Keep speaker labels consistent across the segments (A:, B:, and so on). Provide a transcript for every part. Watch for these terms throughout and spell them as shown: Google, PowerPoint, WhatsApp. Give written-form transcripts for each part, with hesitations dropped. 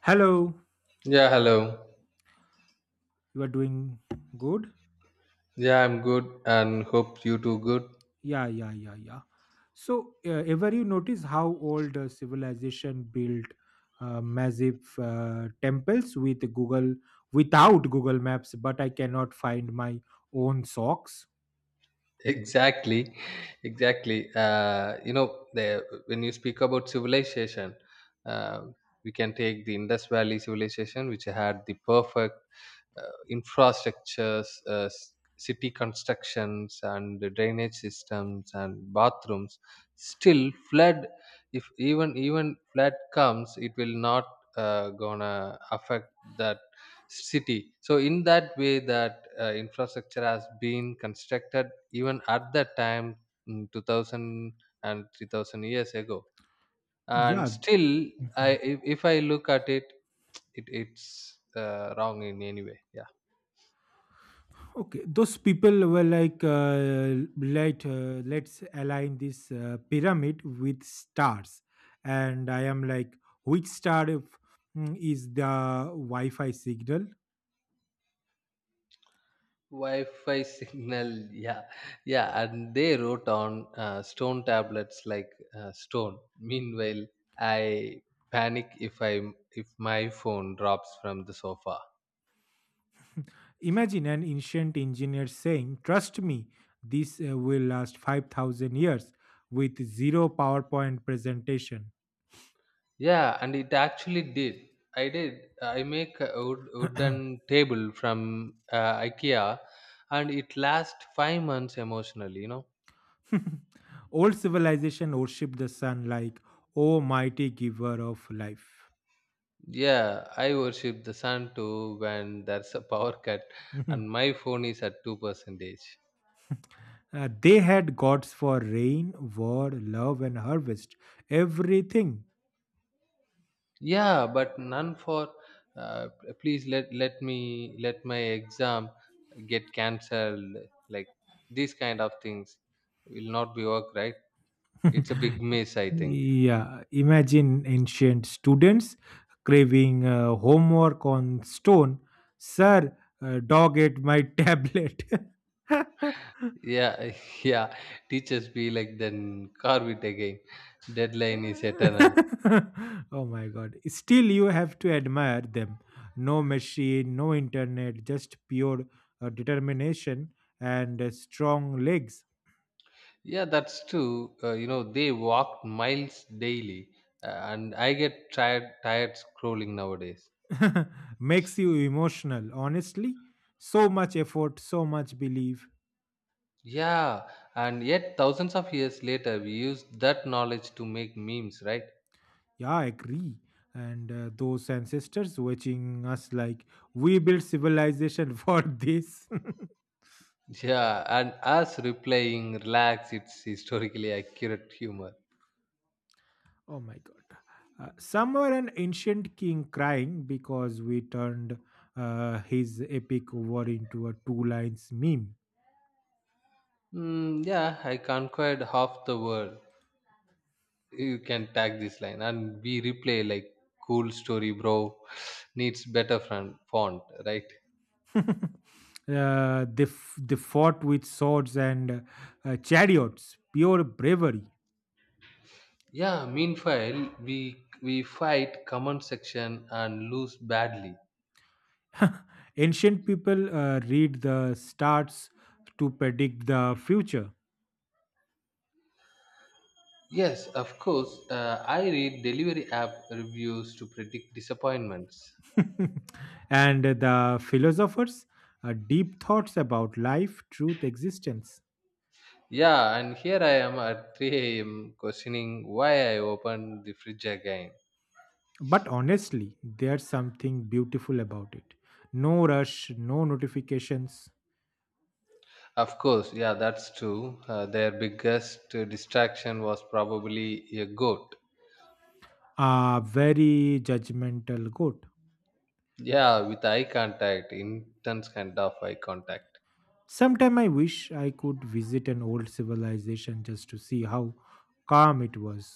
A: Hello,
B: Yeah, hello.
A: you are doing good?
B: Yeah, I'm good and hope you too good.
A: Yeah, yeah, yeah, yeah. So, ever you notice how old civilization built massive temples with Google Maps, but I cannot find my own socks.
B: Exactly. Exactly, you know when you speak about civilization, uh, we can take the Indus Valley civilization which had the perfect infrastructures, city constructions and the drainage systems and bathrooms still flood. If even flood comes it will not gonna affect that city. So in that way that infrastructure has been constructed even at that time, 2,000 years ago, and
A: Yeah,
B: still I if I look at it, it's wrong in any way. Yeah,
A: okay. Those people were like, let's align this pyramid with stars, and I am like, which star if, mm, is the Wi-Fi signal?
B: wi-fi signal yeah, yeah, and they wrote on stone tablets like stone, meanwhile I panic if I if my phone drops from the sofa.
A: Imagine an ancient engineer saying, Trust me, this will last 5,000 years with zero PowerPoint presentation.
B: Yeah, and it actually did. I did. I make a wooden table from IKEA, and it lasts 5 months emotionally.
A: Old civilization worshipped the sun like, "Oh, mighty giver of life.
B: Yeah, I worship the sun too when there's a power cut, and my phone is at two percentage.
A: They had gods for rain, war, love, and harvest. Everything.
B: Yeah, but none for. Uh, please let me let my exam get cancelled. Like these kind of things will not be work, right. It's a big miss, I think.
A: Yeah, imagine ancient students craving homework on stone. Sir, dog ate my tablet.
B: Yeah, yeah. Teachers be like, then carve it again. Deadline is eternal.
A: Oh my god. Still, you have to admire them. No machine, no internet, just pure determination and strong legs.
B: Yeah, that's true. You know, they walk miles daily, and I get tired scrolling nowadays.
A: Makes you emotional, honestly. So much effort, so much belief.
B: Yeah, and yet thousands of years later, we use that knowledge to make memes, right?
A: Yeah, I agree. And those ancestors watching us like we built civilization for this.
B: Yeah, and us replying, relax. It's historically accurate humor.
A: Oh my god. Somewhere an ancient king crying because we turned his epic war into a two lines meme.
B: Mm, yeah, I conquered half the world. You can tag this line and we replay like, cool story bro, needs better front font, right?
A: They fought with swords and chariots, pure bravery.
B: Yeah, meanwhile we fight comment section and lose badly.
A: Ancient people read the stars to predict the future.
B: Yes, of course, I read delivery app reviews to predict disappointments.
A: And the philosophers deep thoughts about life truth existence.
B: Yeah, and here I am at 3 a.m questioning why I opened the fridge again.
A: But honestly there's something beautiful about it. No rush, no notifications.
B: Of course, yeah, that's true. Their biggest distraction was probably a goat.
A: A very judgmental goat.
B: Yeah, with eye contact, intense kind of eye contact.
A: Sometime I wish I could visit an old civilization just to see how calm it was.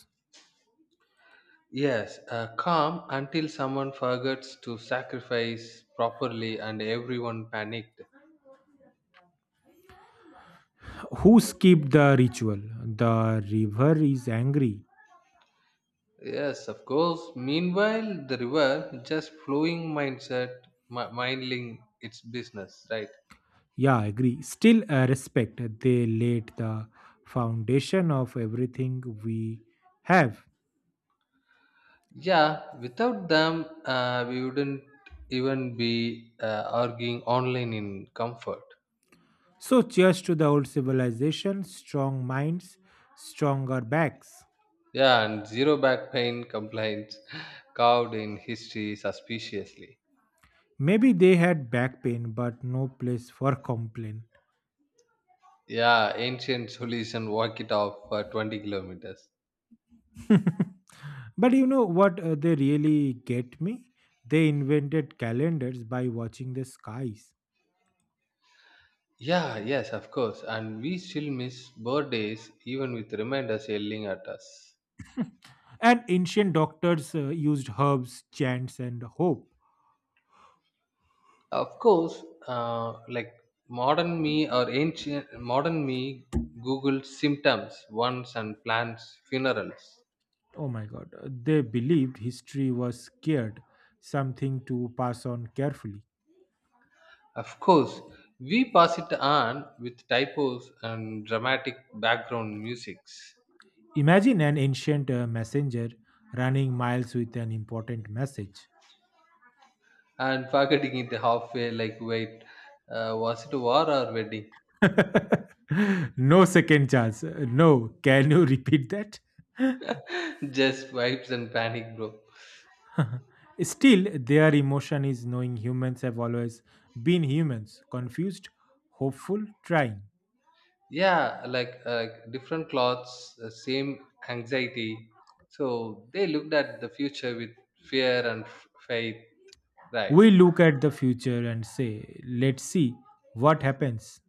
B: Yes, calm until someone forgets to sacrifice properly and everyone panicked.
A: Who skipped the ritual? The river is angry.
B: Yes, of course. Meanwhile, the river just flowing mindset, minding its business, right?
A: Yeah, I agree. Still, respect. They laid the foundation of everything we have.
B: Yeah, without them, we wouldn't even be arguing online in comfort.
A: So, cheers to the old civilization, strong minds, stronger backs.
B: Yeah, and zero back pain complaints carved in history suspiciously.
A: Maybe they had back pain, but no place for complaint.
B: Yeah, ancient solution, walk it off for 20 kilometers.
A: But you know what they really get me? They invented calendars by watching the skies.
B: Yeah, yes, of course. And we still miss birthdays even with reminders yelling at us.
A: And ancient doctors used herbs, chants, and hope.
B: Of course, like modern me or ancient modern me Googled symptoms once and plans funerals.
A: Oh my God. They believed history was scared, something to pass on carefully.
B: Of course, we pass it on with typos and dramatic background musics,
A: Imagine an ancient messenger running miles with an important message.
B: and forgetting it halfway like, wait, was it a war or wedding?
A: No second chance. No, can you repeat that?
B: Just vibes and panic, bro.
A: Still, their emotion is knowing humans have always been humans, confused, hopeful, trying.
B: Yeah, like like different cloths, same anxiety. So they looked at the future with fear and faith, right?
A: We look at the future and say, let's see what happens.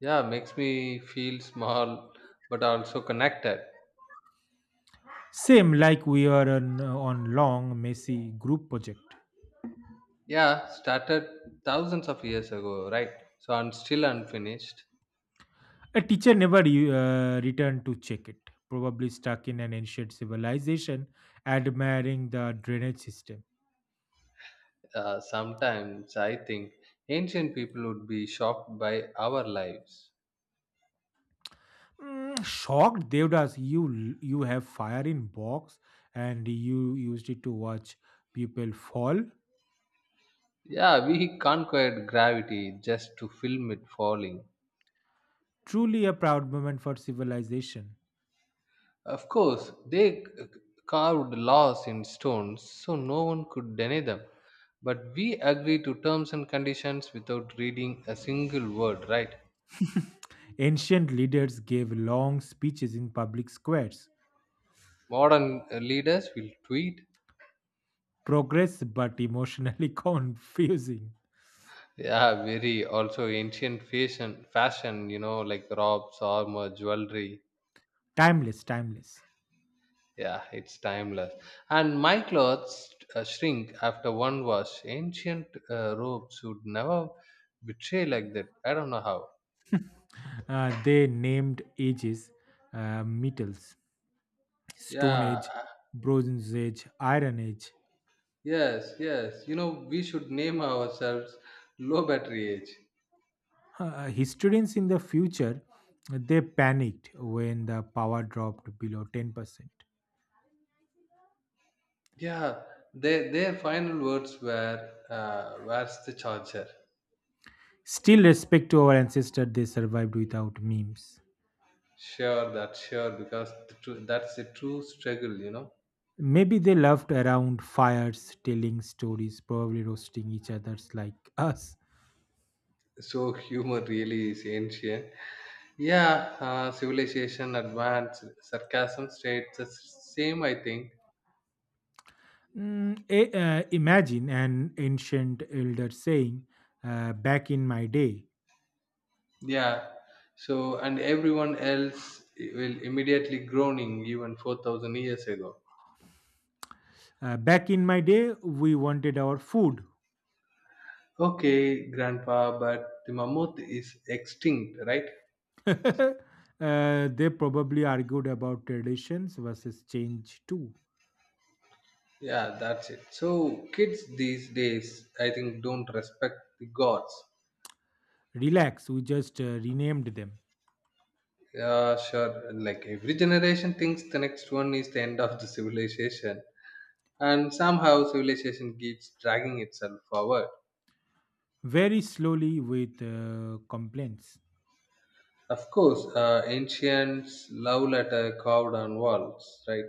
B: Yeah, makes me feel small but also connected.
A: Same like we are on long, messy group project.
B: Yeah, started thousands of years ago, right? So I'm still unfinished.
A: A teacher never returned to check it, probably stuck in an ancient civilization, admiring the drainage system.
B: Sometimes I think ancient people would be shocked by our lives.
A: Mm, shocked, Devdas, you have fire in box and you used it to watch people fall.
B: Yeah, we conquered gravity just to film it falling.
A: Truly a proud moment for civilization.
B: Of course, they carved laws in stones so no one could deny them. But we agree to terms and conditions without reading a single word, right?
A: Ancient leaders gave long speeches in public squares.
B: Modern leaders will tweet.
A: Progress, but emotionally confusing.
B: Yeah, very, also ancient fashion, you know, like robes, armor, jewelry.
A: Timeless, timeless.
B: Yeah, it's timeless. And my clothes shrink after one wash. Ancient robes would never betray like that. I don't know how.
A: They named ages, metals, Stone
B: Yeah.
A: Age, Bronze Age, Iron Age.
B: Yes, yes. You know, we should name ourselves Low Battery Age.
A: Historians in the future they panicked when the power dropped below 10%.
B: Yeah, their final words were, "Where's the charger?"
A: Still, respect to our ancestors, they survived without memes.
B: Sure, that's sure, because that's the true struggle.
A: Maybe they loved around fires, telling stories, probably roasting each other's like us.
B: So humor really is ancient. Yeah, civilization advanced. Sarcasm stayed the same, I think.
A: Imagine an ancient elder saying, back in my day.
B: Yeah. So, and everyone else will immediately groaning, even 4,000 years ago.
A: Back in my day, we wanted our food.
B: Okay grandpa, but the mammoth is extinct, right?
A: They probably argued about traditions versus change too.
B: Yeah, that's it. So kids these days, I think, don't respect the gods.
A: Relax, we just renamed them
B: Yeah, sure. Like every generation thinks the next one is the end of the civilization, and somehow civilization keeps dragging itself forward.
A: very slowly with complaints.
B: Of course, ancients love letter carved on walls, right?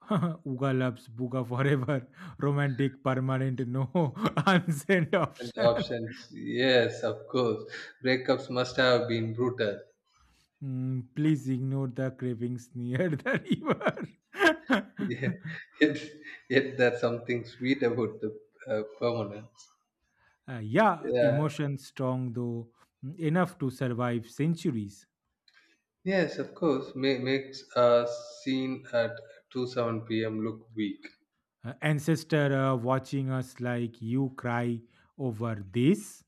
A: Uga loves Buga forever, romantic, permanent, no unsent
B: And
A: option.
B: options, yes, of course. Breakups must have been brutal.
A: Mm, please ignore the cravings near the river.
B: Yeah, yet, yet there's something sweet about the permanence.
A: Yeah,
B: Yeah.
A: emotion strong though, mm, enough to survive centuries.
B: Yes, of course. Makes a scene at 2 7 p.m. look weak.
A: Ancestor watching us like you cry over this,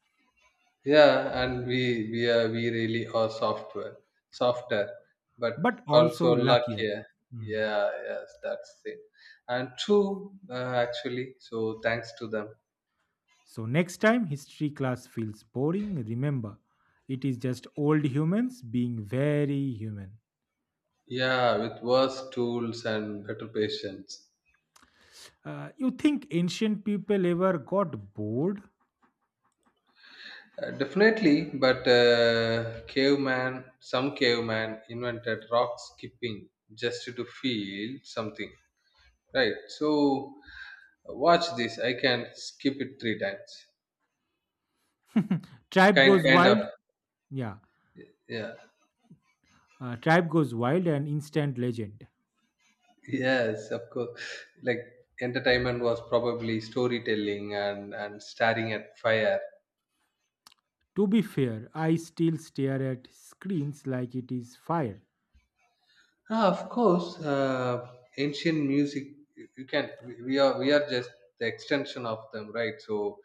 B: Yeah, and we really are software softer, but
A: but also
B: also
A: luckier.
B: luckier.
A: Mm.
B: Yeah, yes, that's it. And true, actually. So thanks to them.
A: So next time history class feels boring, remember it is just old humans being very human.
B: Yeah, with worse tools and better patience.
A: You think ancient people ever got bored?
B: Definitely, but some caveman invented rock skipping just to feel something, right? So watch this. I can skip it three times.
A: Tribe goes
B: Kind of,
A: wild. Yeah,
B: yeah,
A: Tribe Goes Wild an instant legend.
B: yes, of course. Like entertainment was probably storytelling and staring at fire.
A: To be fair, I still stare at screens like it is fire.
B: Ah, of course, ancient music. You can. We are. We are just the extension of them, right? So,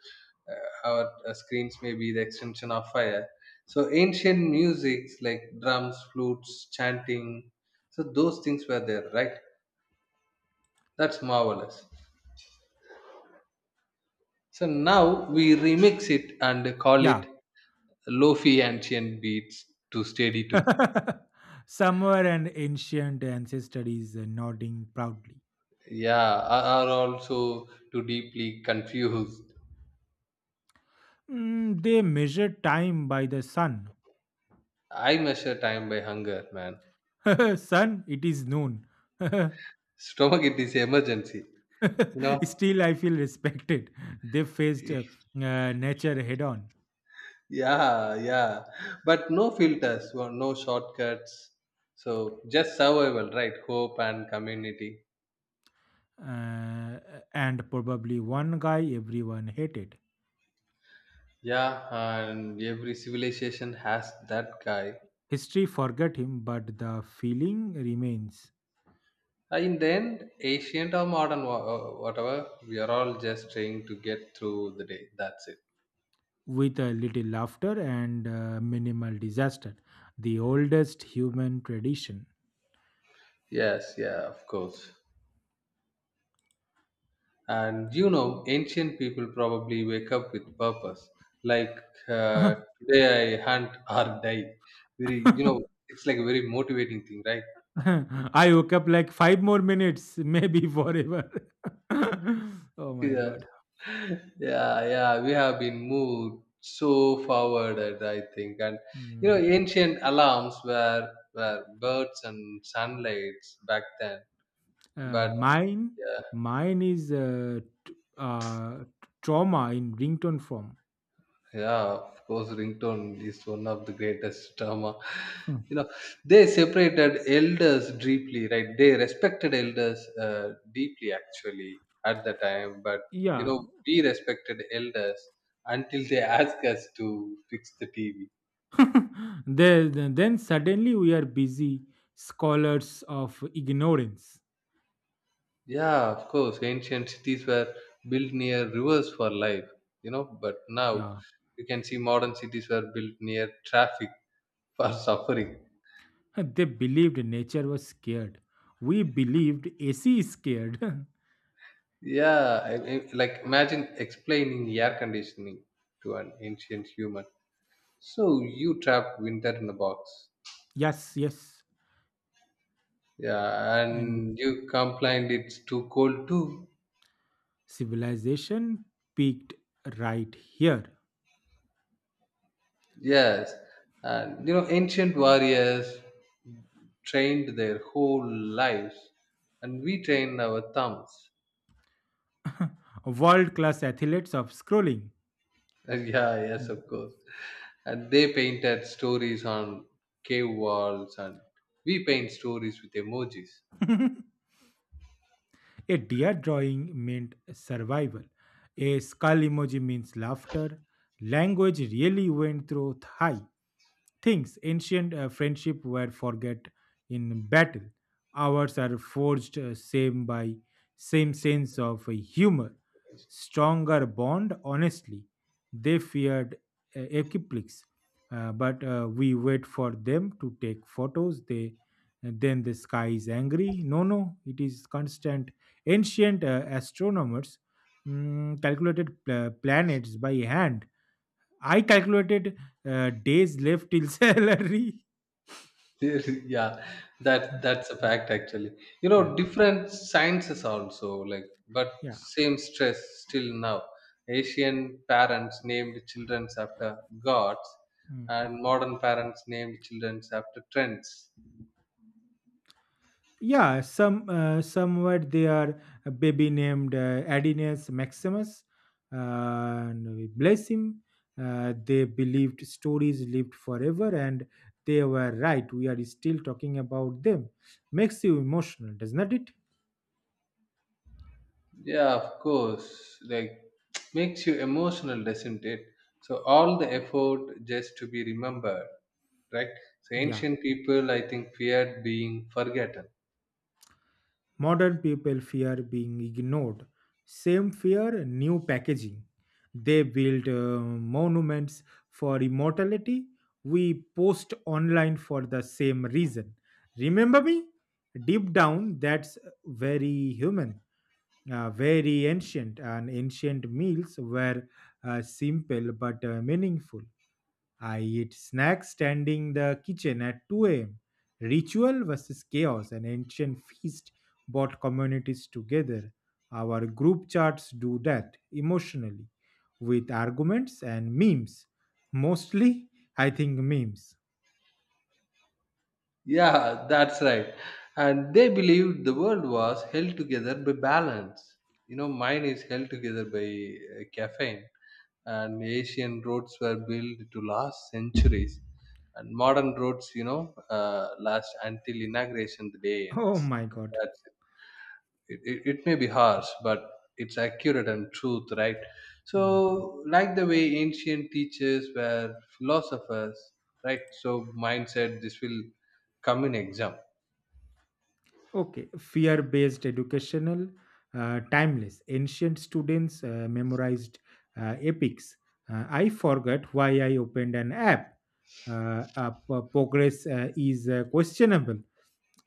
B: our screens may be the extension of fire. So, ancient musics like drums, flutes, chanting. So those things were there, right? That's marvelous. So now we remix it and call
A: Yeah.
B: it lofi ancient beats to steady to.
A: Somewhere an ancient ancestor is nodding proudly.
B: Yeah, are also too deeply confused.
A: Mm, they measure time by the sun.
B: I measure time by hunger, man.
A: Sun, it is noon.
B: Stomach, it is emergency. You know?
A: Still, I feel respected. They faced nature head on.
B: Yeah, yeah. But no filters, or no shortcuts. So just survival, right? Hope and community.
A: Uh, and probably one guy everyone hated.
B: Yeah, and every civilization has that guy.
A: History forgot him, but the feeling remains
B: In the end, ancient or modern, whatever, we are all just trying to get through the day. That's it.
A: with a little laughter and minimal disaster. The oldest human tradition.
B: Yes, yeah, of course. And you know, ancient people probably wake up with purpose, like
A: I
B: uh, today I hunt or die. Very, it's like a very motivating thing, right?
A: woke up like five more minutes, maybe forever. oh my
B: Yeah,
A: god.
B: yeah, yeah. We have been moved so forward, I think, and
A: Mm.
B: ancient alarms were birds and sunlights back then,
A: Uh,
B: but
A: mine,
B: yeah.
A: mine is t- uh, trauma in ringtone form.
B: Yeah, of course, ringtone is one of the greatest drama.
A: Hmm.
B: You know, they separated elders deeply, right? They respected elders deeply, actually, at the time. But you
A: Yeah,
B: know, we respected elders until they asked us to fix the TV.
A: then suddenly we are busy scholars of ignorance.
B: Yeah, of course, ancient cities were built near rivers for life. You know, but now
A: Yeah.
B: you can see modern cities were built near traffic for suffering.
A: They believed nature was scared. We believed AC is scared.
B: Yeah, like imagine explaining air conditioning to an ancient human. So you trapped winter in a box.
A: Yes, yes.
B: Yeah,
A: And
B: and you complained it's too cold too.
A: civilization peaked right here.
B: Yes, and you know ancient warriors trained their whole lives, and we train our thumbs.
A: World class athletes of scrolling.
B: Yeah, yes, of course. And they painted stories on cave walls, and we paint stories with emojis.
A: A deer drawing meant survival. A skull emoji means laughter. Language really went through high. Things ancient friendship were forget in battle. Ours are forged same by same sense of humor, stronger bond. Honestly, they feared equiplics, but we wait for them to take photos. They and then the sky is angry. No, no, it is constant. Ancient astronomers mm, calculated planets by hand. I calculated days left till salary.
B: Really, yeah, that's a
A: Mm.
B: fact, actually. You
A: Yeah,
B: know, different sciences also, like, but
A: yeah.
B: same stress. Still now Asian parents named children after gods,
A: Mm.
B: and modern parents named children after trends.
A: Yeah, somewhere they are a baby named Adinus Maximus, uh, and we bless him. They believed stories lived forever, and they were right. We are still talking about them. Makes you emotional, does not it?
B: Yeah, of course, like makes you emotional, doesn't it? So all the effort just to be remembered, right? So
A: Yeah.
B: ancient people, I think, feared being forgotten.
A: Modern people fear being ignored. Same fear, new packaging. They build monuments for immortality. We post online for the same reason. Remember me? Deep down, that's very human, very ancient, and ancient meals were simple but meaningful. I eat snacks standing the kitchen at 2 a.m. Ritual versus chaos, an ancient feast brought communities together. Our group chats do that emotionally with arguments and memes. Mostly, I think memes.
B: Yeah, that's right. And they believed the world was held together by balance. You know, mine is held together by caffeine, and Asian roads were built to last centuries, and modern roads, last until inauguration the day
A: Oh
B: ends.
A: my god.
B: That's it. It may be harsh, but it's accurate and truth, right?
A: Hmm.
B: So, like the way ancient teachers were philosophers, right? So mindset, this will come in exam.
A: Okay, fear based educational, timeless. Ancient students memorized epics. I forgot why I opened an app. Progress is questionable.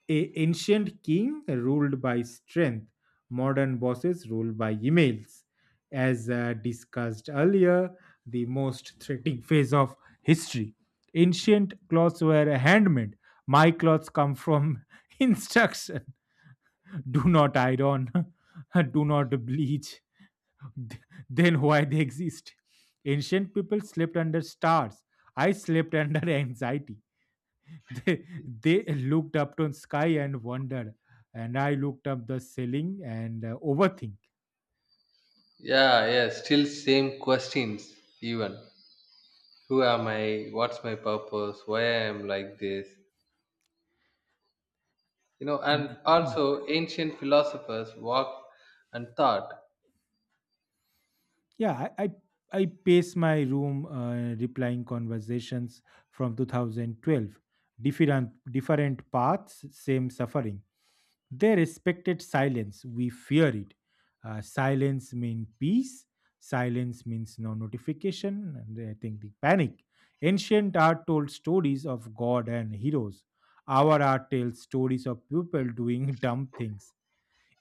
A: A ancient king ruled by strength, modern bosses ruled by emails. As discussed earlier, the most threatening phase of history. Ancient clothes were handmade. My clothes come from instruction do not iron, do not bleach, th- then why they exist? Ancient people slept under stars. I slept under anxiety. They looked up to sky and wondered, and I looked up the ceiling and overthink.
B: Yeah, yeah, still same questions, even, who am I, what's my purpose, why I am like this, you know? And
A: And mm,
B: also ancient philosophers walked and thought.
A: yeah, I I pace my room, replying conversations from 2012. Different paths, same suffering. They respected silence. We fear it. Silence means peace. Silence means no notification. And I think the panic. Ancient art told stories of God and heroes. Our art tells stories of people doing dumb things.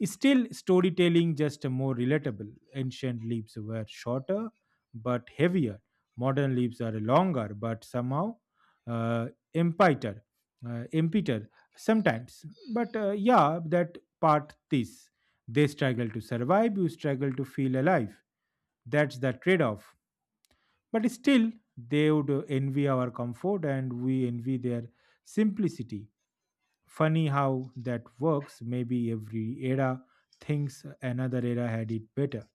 A: Still, storytelling just more relatable. Ancient leaves were shorter but heavier. Modern leaves are longer but somehow uh, empiter, empiter sometimes. But yeah, that part this. They struggle to survive, you struggle to feel alive. That's the trade off. But still, they would envy our comfort and we envy their simplicity. Funny how that works. Maybe every era thinks another era had it better.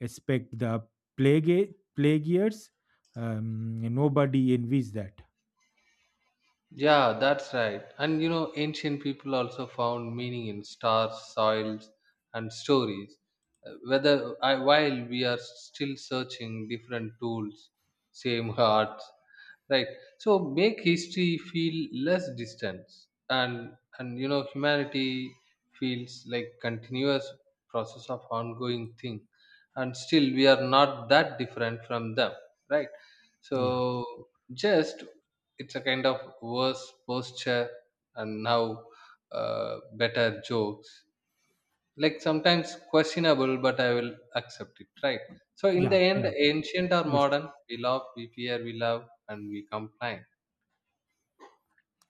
A: Expect the plague years. Nobody envies that.
B: Yeah, that's right. And you know, ancient people also found meaning in stars, soils, and stories. While we are still searching different tools, same hearts, right? So make history feel less distant, and you know, humanity feels like continuous process of ongoing thing, and still we are not that different from them, right?
A: Yeah,
B: So just it's a kind of worse posture, and now better jokes, like sometimes questionable, but I will accept it, right? So in
A: yeah,
B: the end,
A: yeah.
B: ancient or
A: Yes,
B: modern, we love, we fear, we love, and we complain.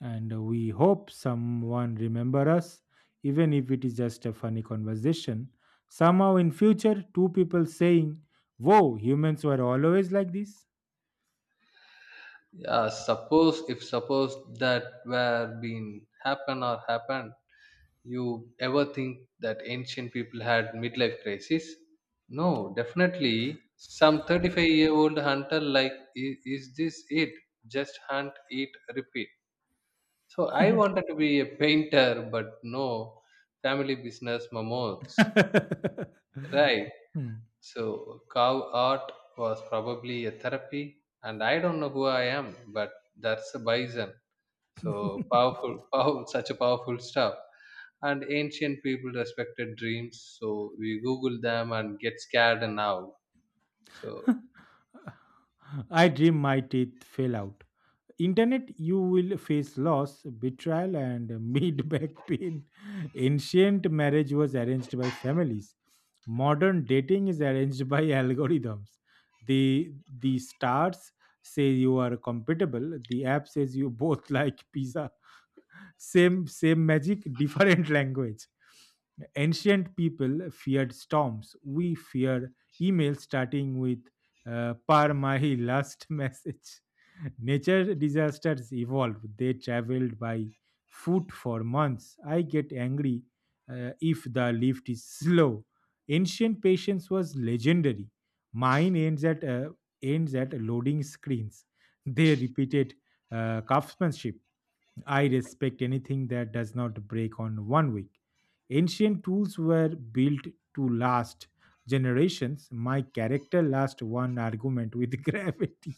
A: and we hope someone remember us, even if it is just a funny conversation. Somehow in future, two people saying, "Whoa, humans were always like this."
B: Yeah, suppose, if suppose that were been happen or happened, you ever think that ancient people had midlife crisis? No, definitely. Some 35-year-old hunter like, is this it? Just hunt, eat, repeat. So I wanted to be a painter, but no, family business mammoths, right?
A: Hmm.
B: So cow art was probably a therapy, and I don't know who I am, but that's a bison. So powerful, powerful, such a powerful stuff. And ancient people respected dreams, so we Google them and get scared now. So
A: I dream my teeth fell out. Internet, you will face loss, betrayal, and mid back pain. Ancient marriage was arranged by families. Modern dating is arranged by algorithms. The the stars say you are compatible. The app says you both like pizza. Same same magic different language. Ancient people feared storms. We fear email starting with par mahi last message. Nature disasters evolved. They traveled by foot for months. I get angry if the lift is slow. Ancient patience was legendary. Mine ends at loading screens. They repeated craftsmanship. I respect anything that does not break on 1 week. Ancient tools were built to last generations. My character last one argument with gravity.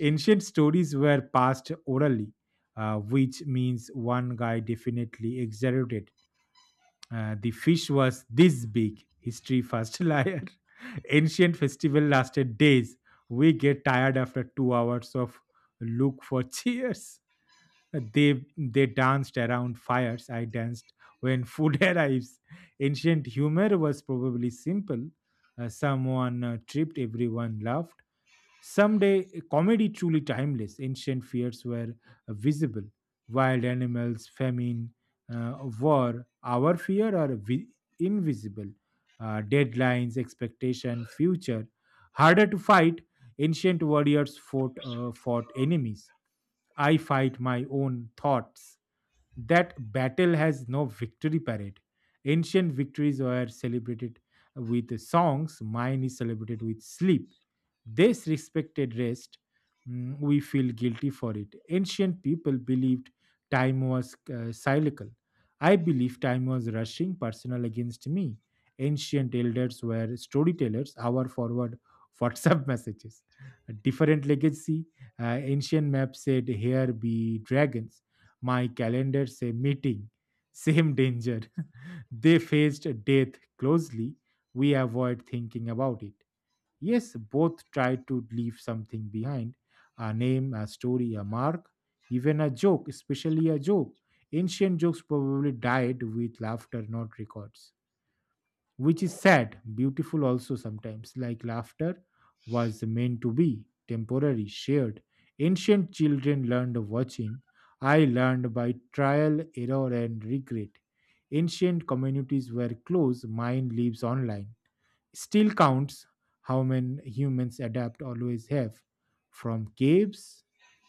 A: Ancient stories were passed orally, which means one guy definitely exaggerated. The fish was this big. History first liar. Ancient festival lasted days. We get tired after 2 hours of look for cheers. They danced around fires. I danced when food arrives. Ancient humor was probably simple. Someone tripped, everyone laughed. Someday, comedy truly timeless. Ancient fears were visible. Wild animals, famine, war. Our fear are invisible. Deadlines, expectation, future. Harder to fight. Ancient warriors fought enemies. I fight my own thoughts. That battle has no victory parade. Ancient victories were celebrated with songs, mine is celebrated with sleep. This respected rest, mm, we feel guilty for it. Ancient people believed time was cyclical. I believe time was rushing personal against me. Ancient elders were storytellers, hour forward WhatsApp messages. A different legacy. Ancient map said, Here be dragons. My calendar say meeting, same danger. They faced death closely. We avoid thinking about it. Yes, both tried to leave something behind a name, a story, a mark, even a joke, especially a joke. Ancient jokes probably died with laughter, not records which is sad, beautiful also sometimes, like laughter was meant to be temporary, shared. Ancient children learned watching. I learned by trial, error, and regret. Ancient communities were close, mine lives online. Still counts how many humans adapt always have from caves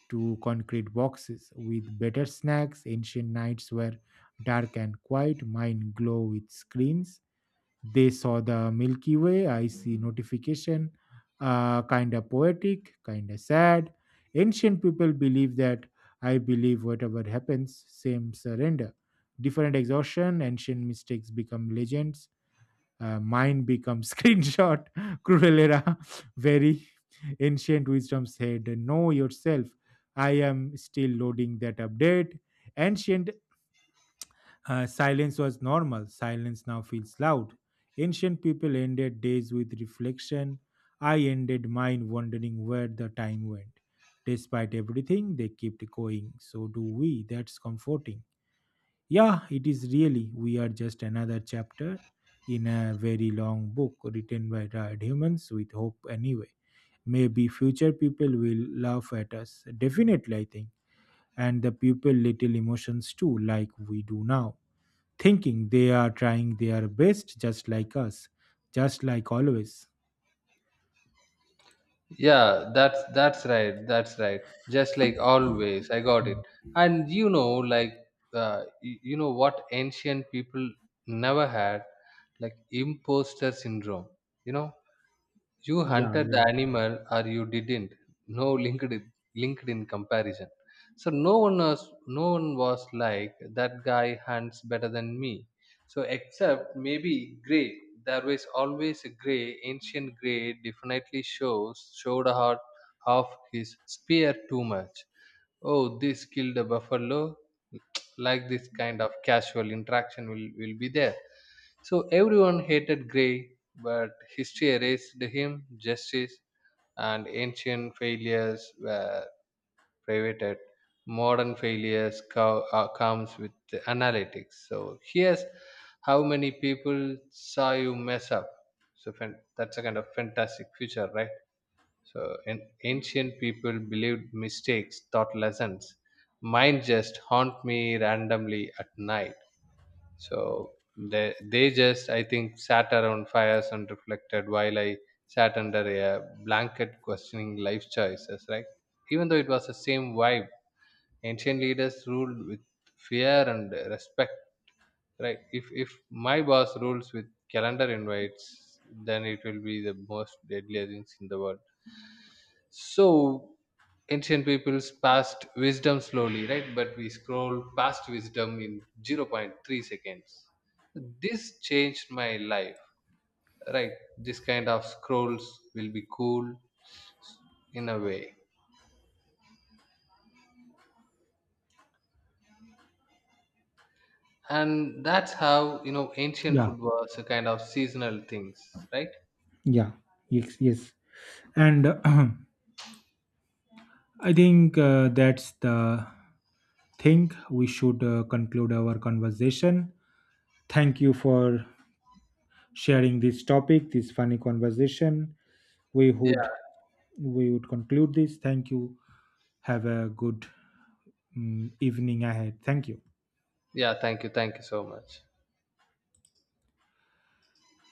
A: to concrete boxes with better snacks. Ancient nights were dark and quiet, mine glow with screens. They saw the Milky Way. I see notification. Kind of poetic, kind of sad. Ancient people believe that I believe whatever happens, same surrender. Different exhaustion, ancient mistakes become legends. Mine becomes screenshot. Cruel era, very ancient wisdom said, Know yourself. I am still loading that update. Ancient silence was normal. Silence now feels loud. Ancient people ended days with reflection. I ended mine wondering where the time went. Despite everything, they kept going. So do we. That's comforting. Yeah, it is really. We are just another chapter in a very long book written by tired humans with hope anyway. Maybe future people will laugh at us. Definitely, I think. And the people little emotions too, like we do now thinking they are trying their best just like us, just like always.
B: yeah, that's right, that's right. Just like always, I got it.
A: Hmm.
B: And you know, like you know what ancient people never had, like imposter syndrome. You know, you
A: Yeah,
B: hunted the
A: yeah,
B: animal or you didn't. No, linked in comparison. So no one was like, that guy hunts better than me. So except maybe grey. There was always a grey, ancient grey definitely shows showed hard, half his spear too much, oh this killed a buffalo, like this kind of casual interaction will be there. So everyone hated gray, but history erased him justice. And ancient failures were privated, modern failures comes with the analytics, so here's how many people saw you mess up. So that's a kind of fantastic future, right? So an ancient people believed mistakes taught lessons. Mine just haunt me randomly at night. So they just, I think, sat around fires and reflected, while I sat under a blanket questioning life choices, right? Even though it was the same vibe, ancient leaders ruled with fear and respect, right? If my boss rules with calendar invites, then it will be the most deadly things in the world. So ancient peoples passed wisdom slowly, right? But we scroll past wisdom in zero point 0.3 seconds, this changed my life, right? This kind of scrolls will be cool, in a way. And that's how, you know, ancient
A: yeah,
B: food was a kind of seasonal things, right?
A: yeah. Yes, yes. And I think that's the thing. We should conclude our conversation. Thank you for sharing this topic, this funny conversation. We
B: Yeah,
A: would we would conclude this. Thank you. Have a good mm, evening ahead. Thank you.
B: yeah, thank you, thank you so much.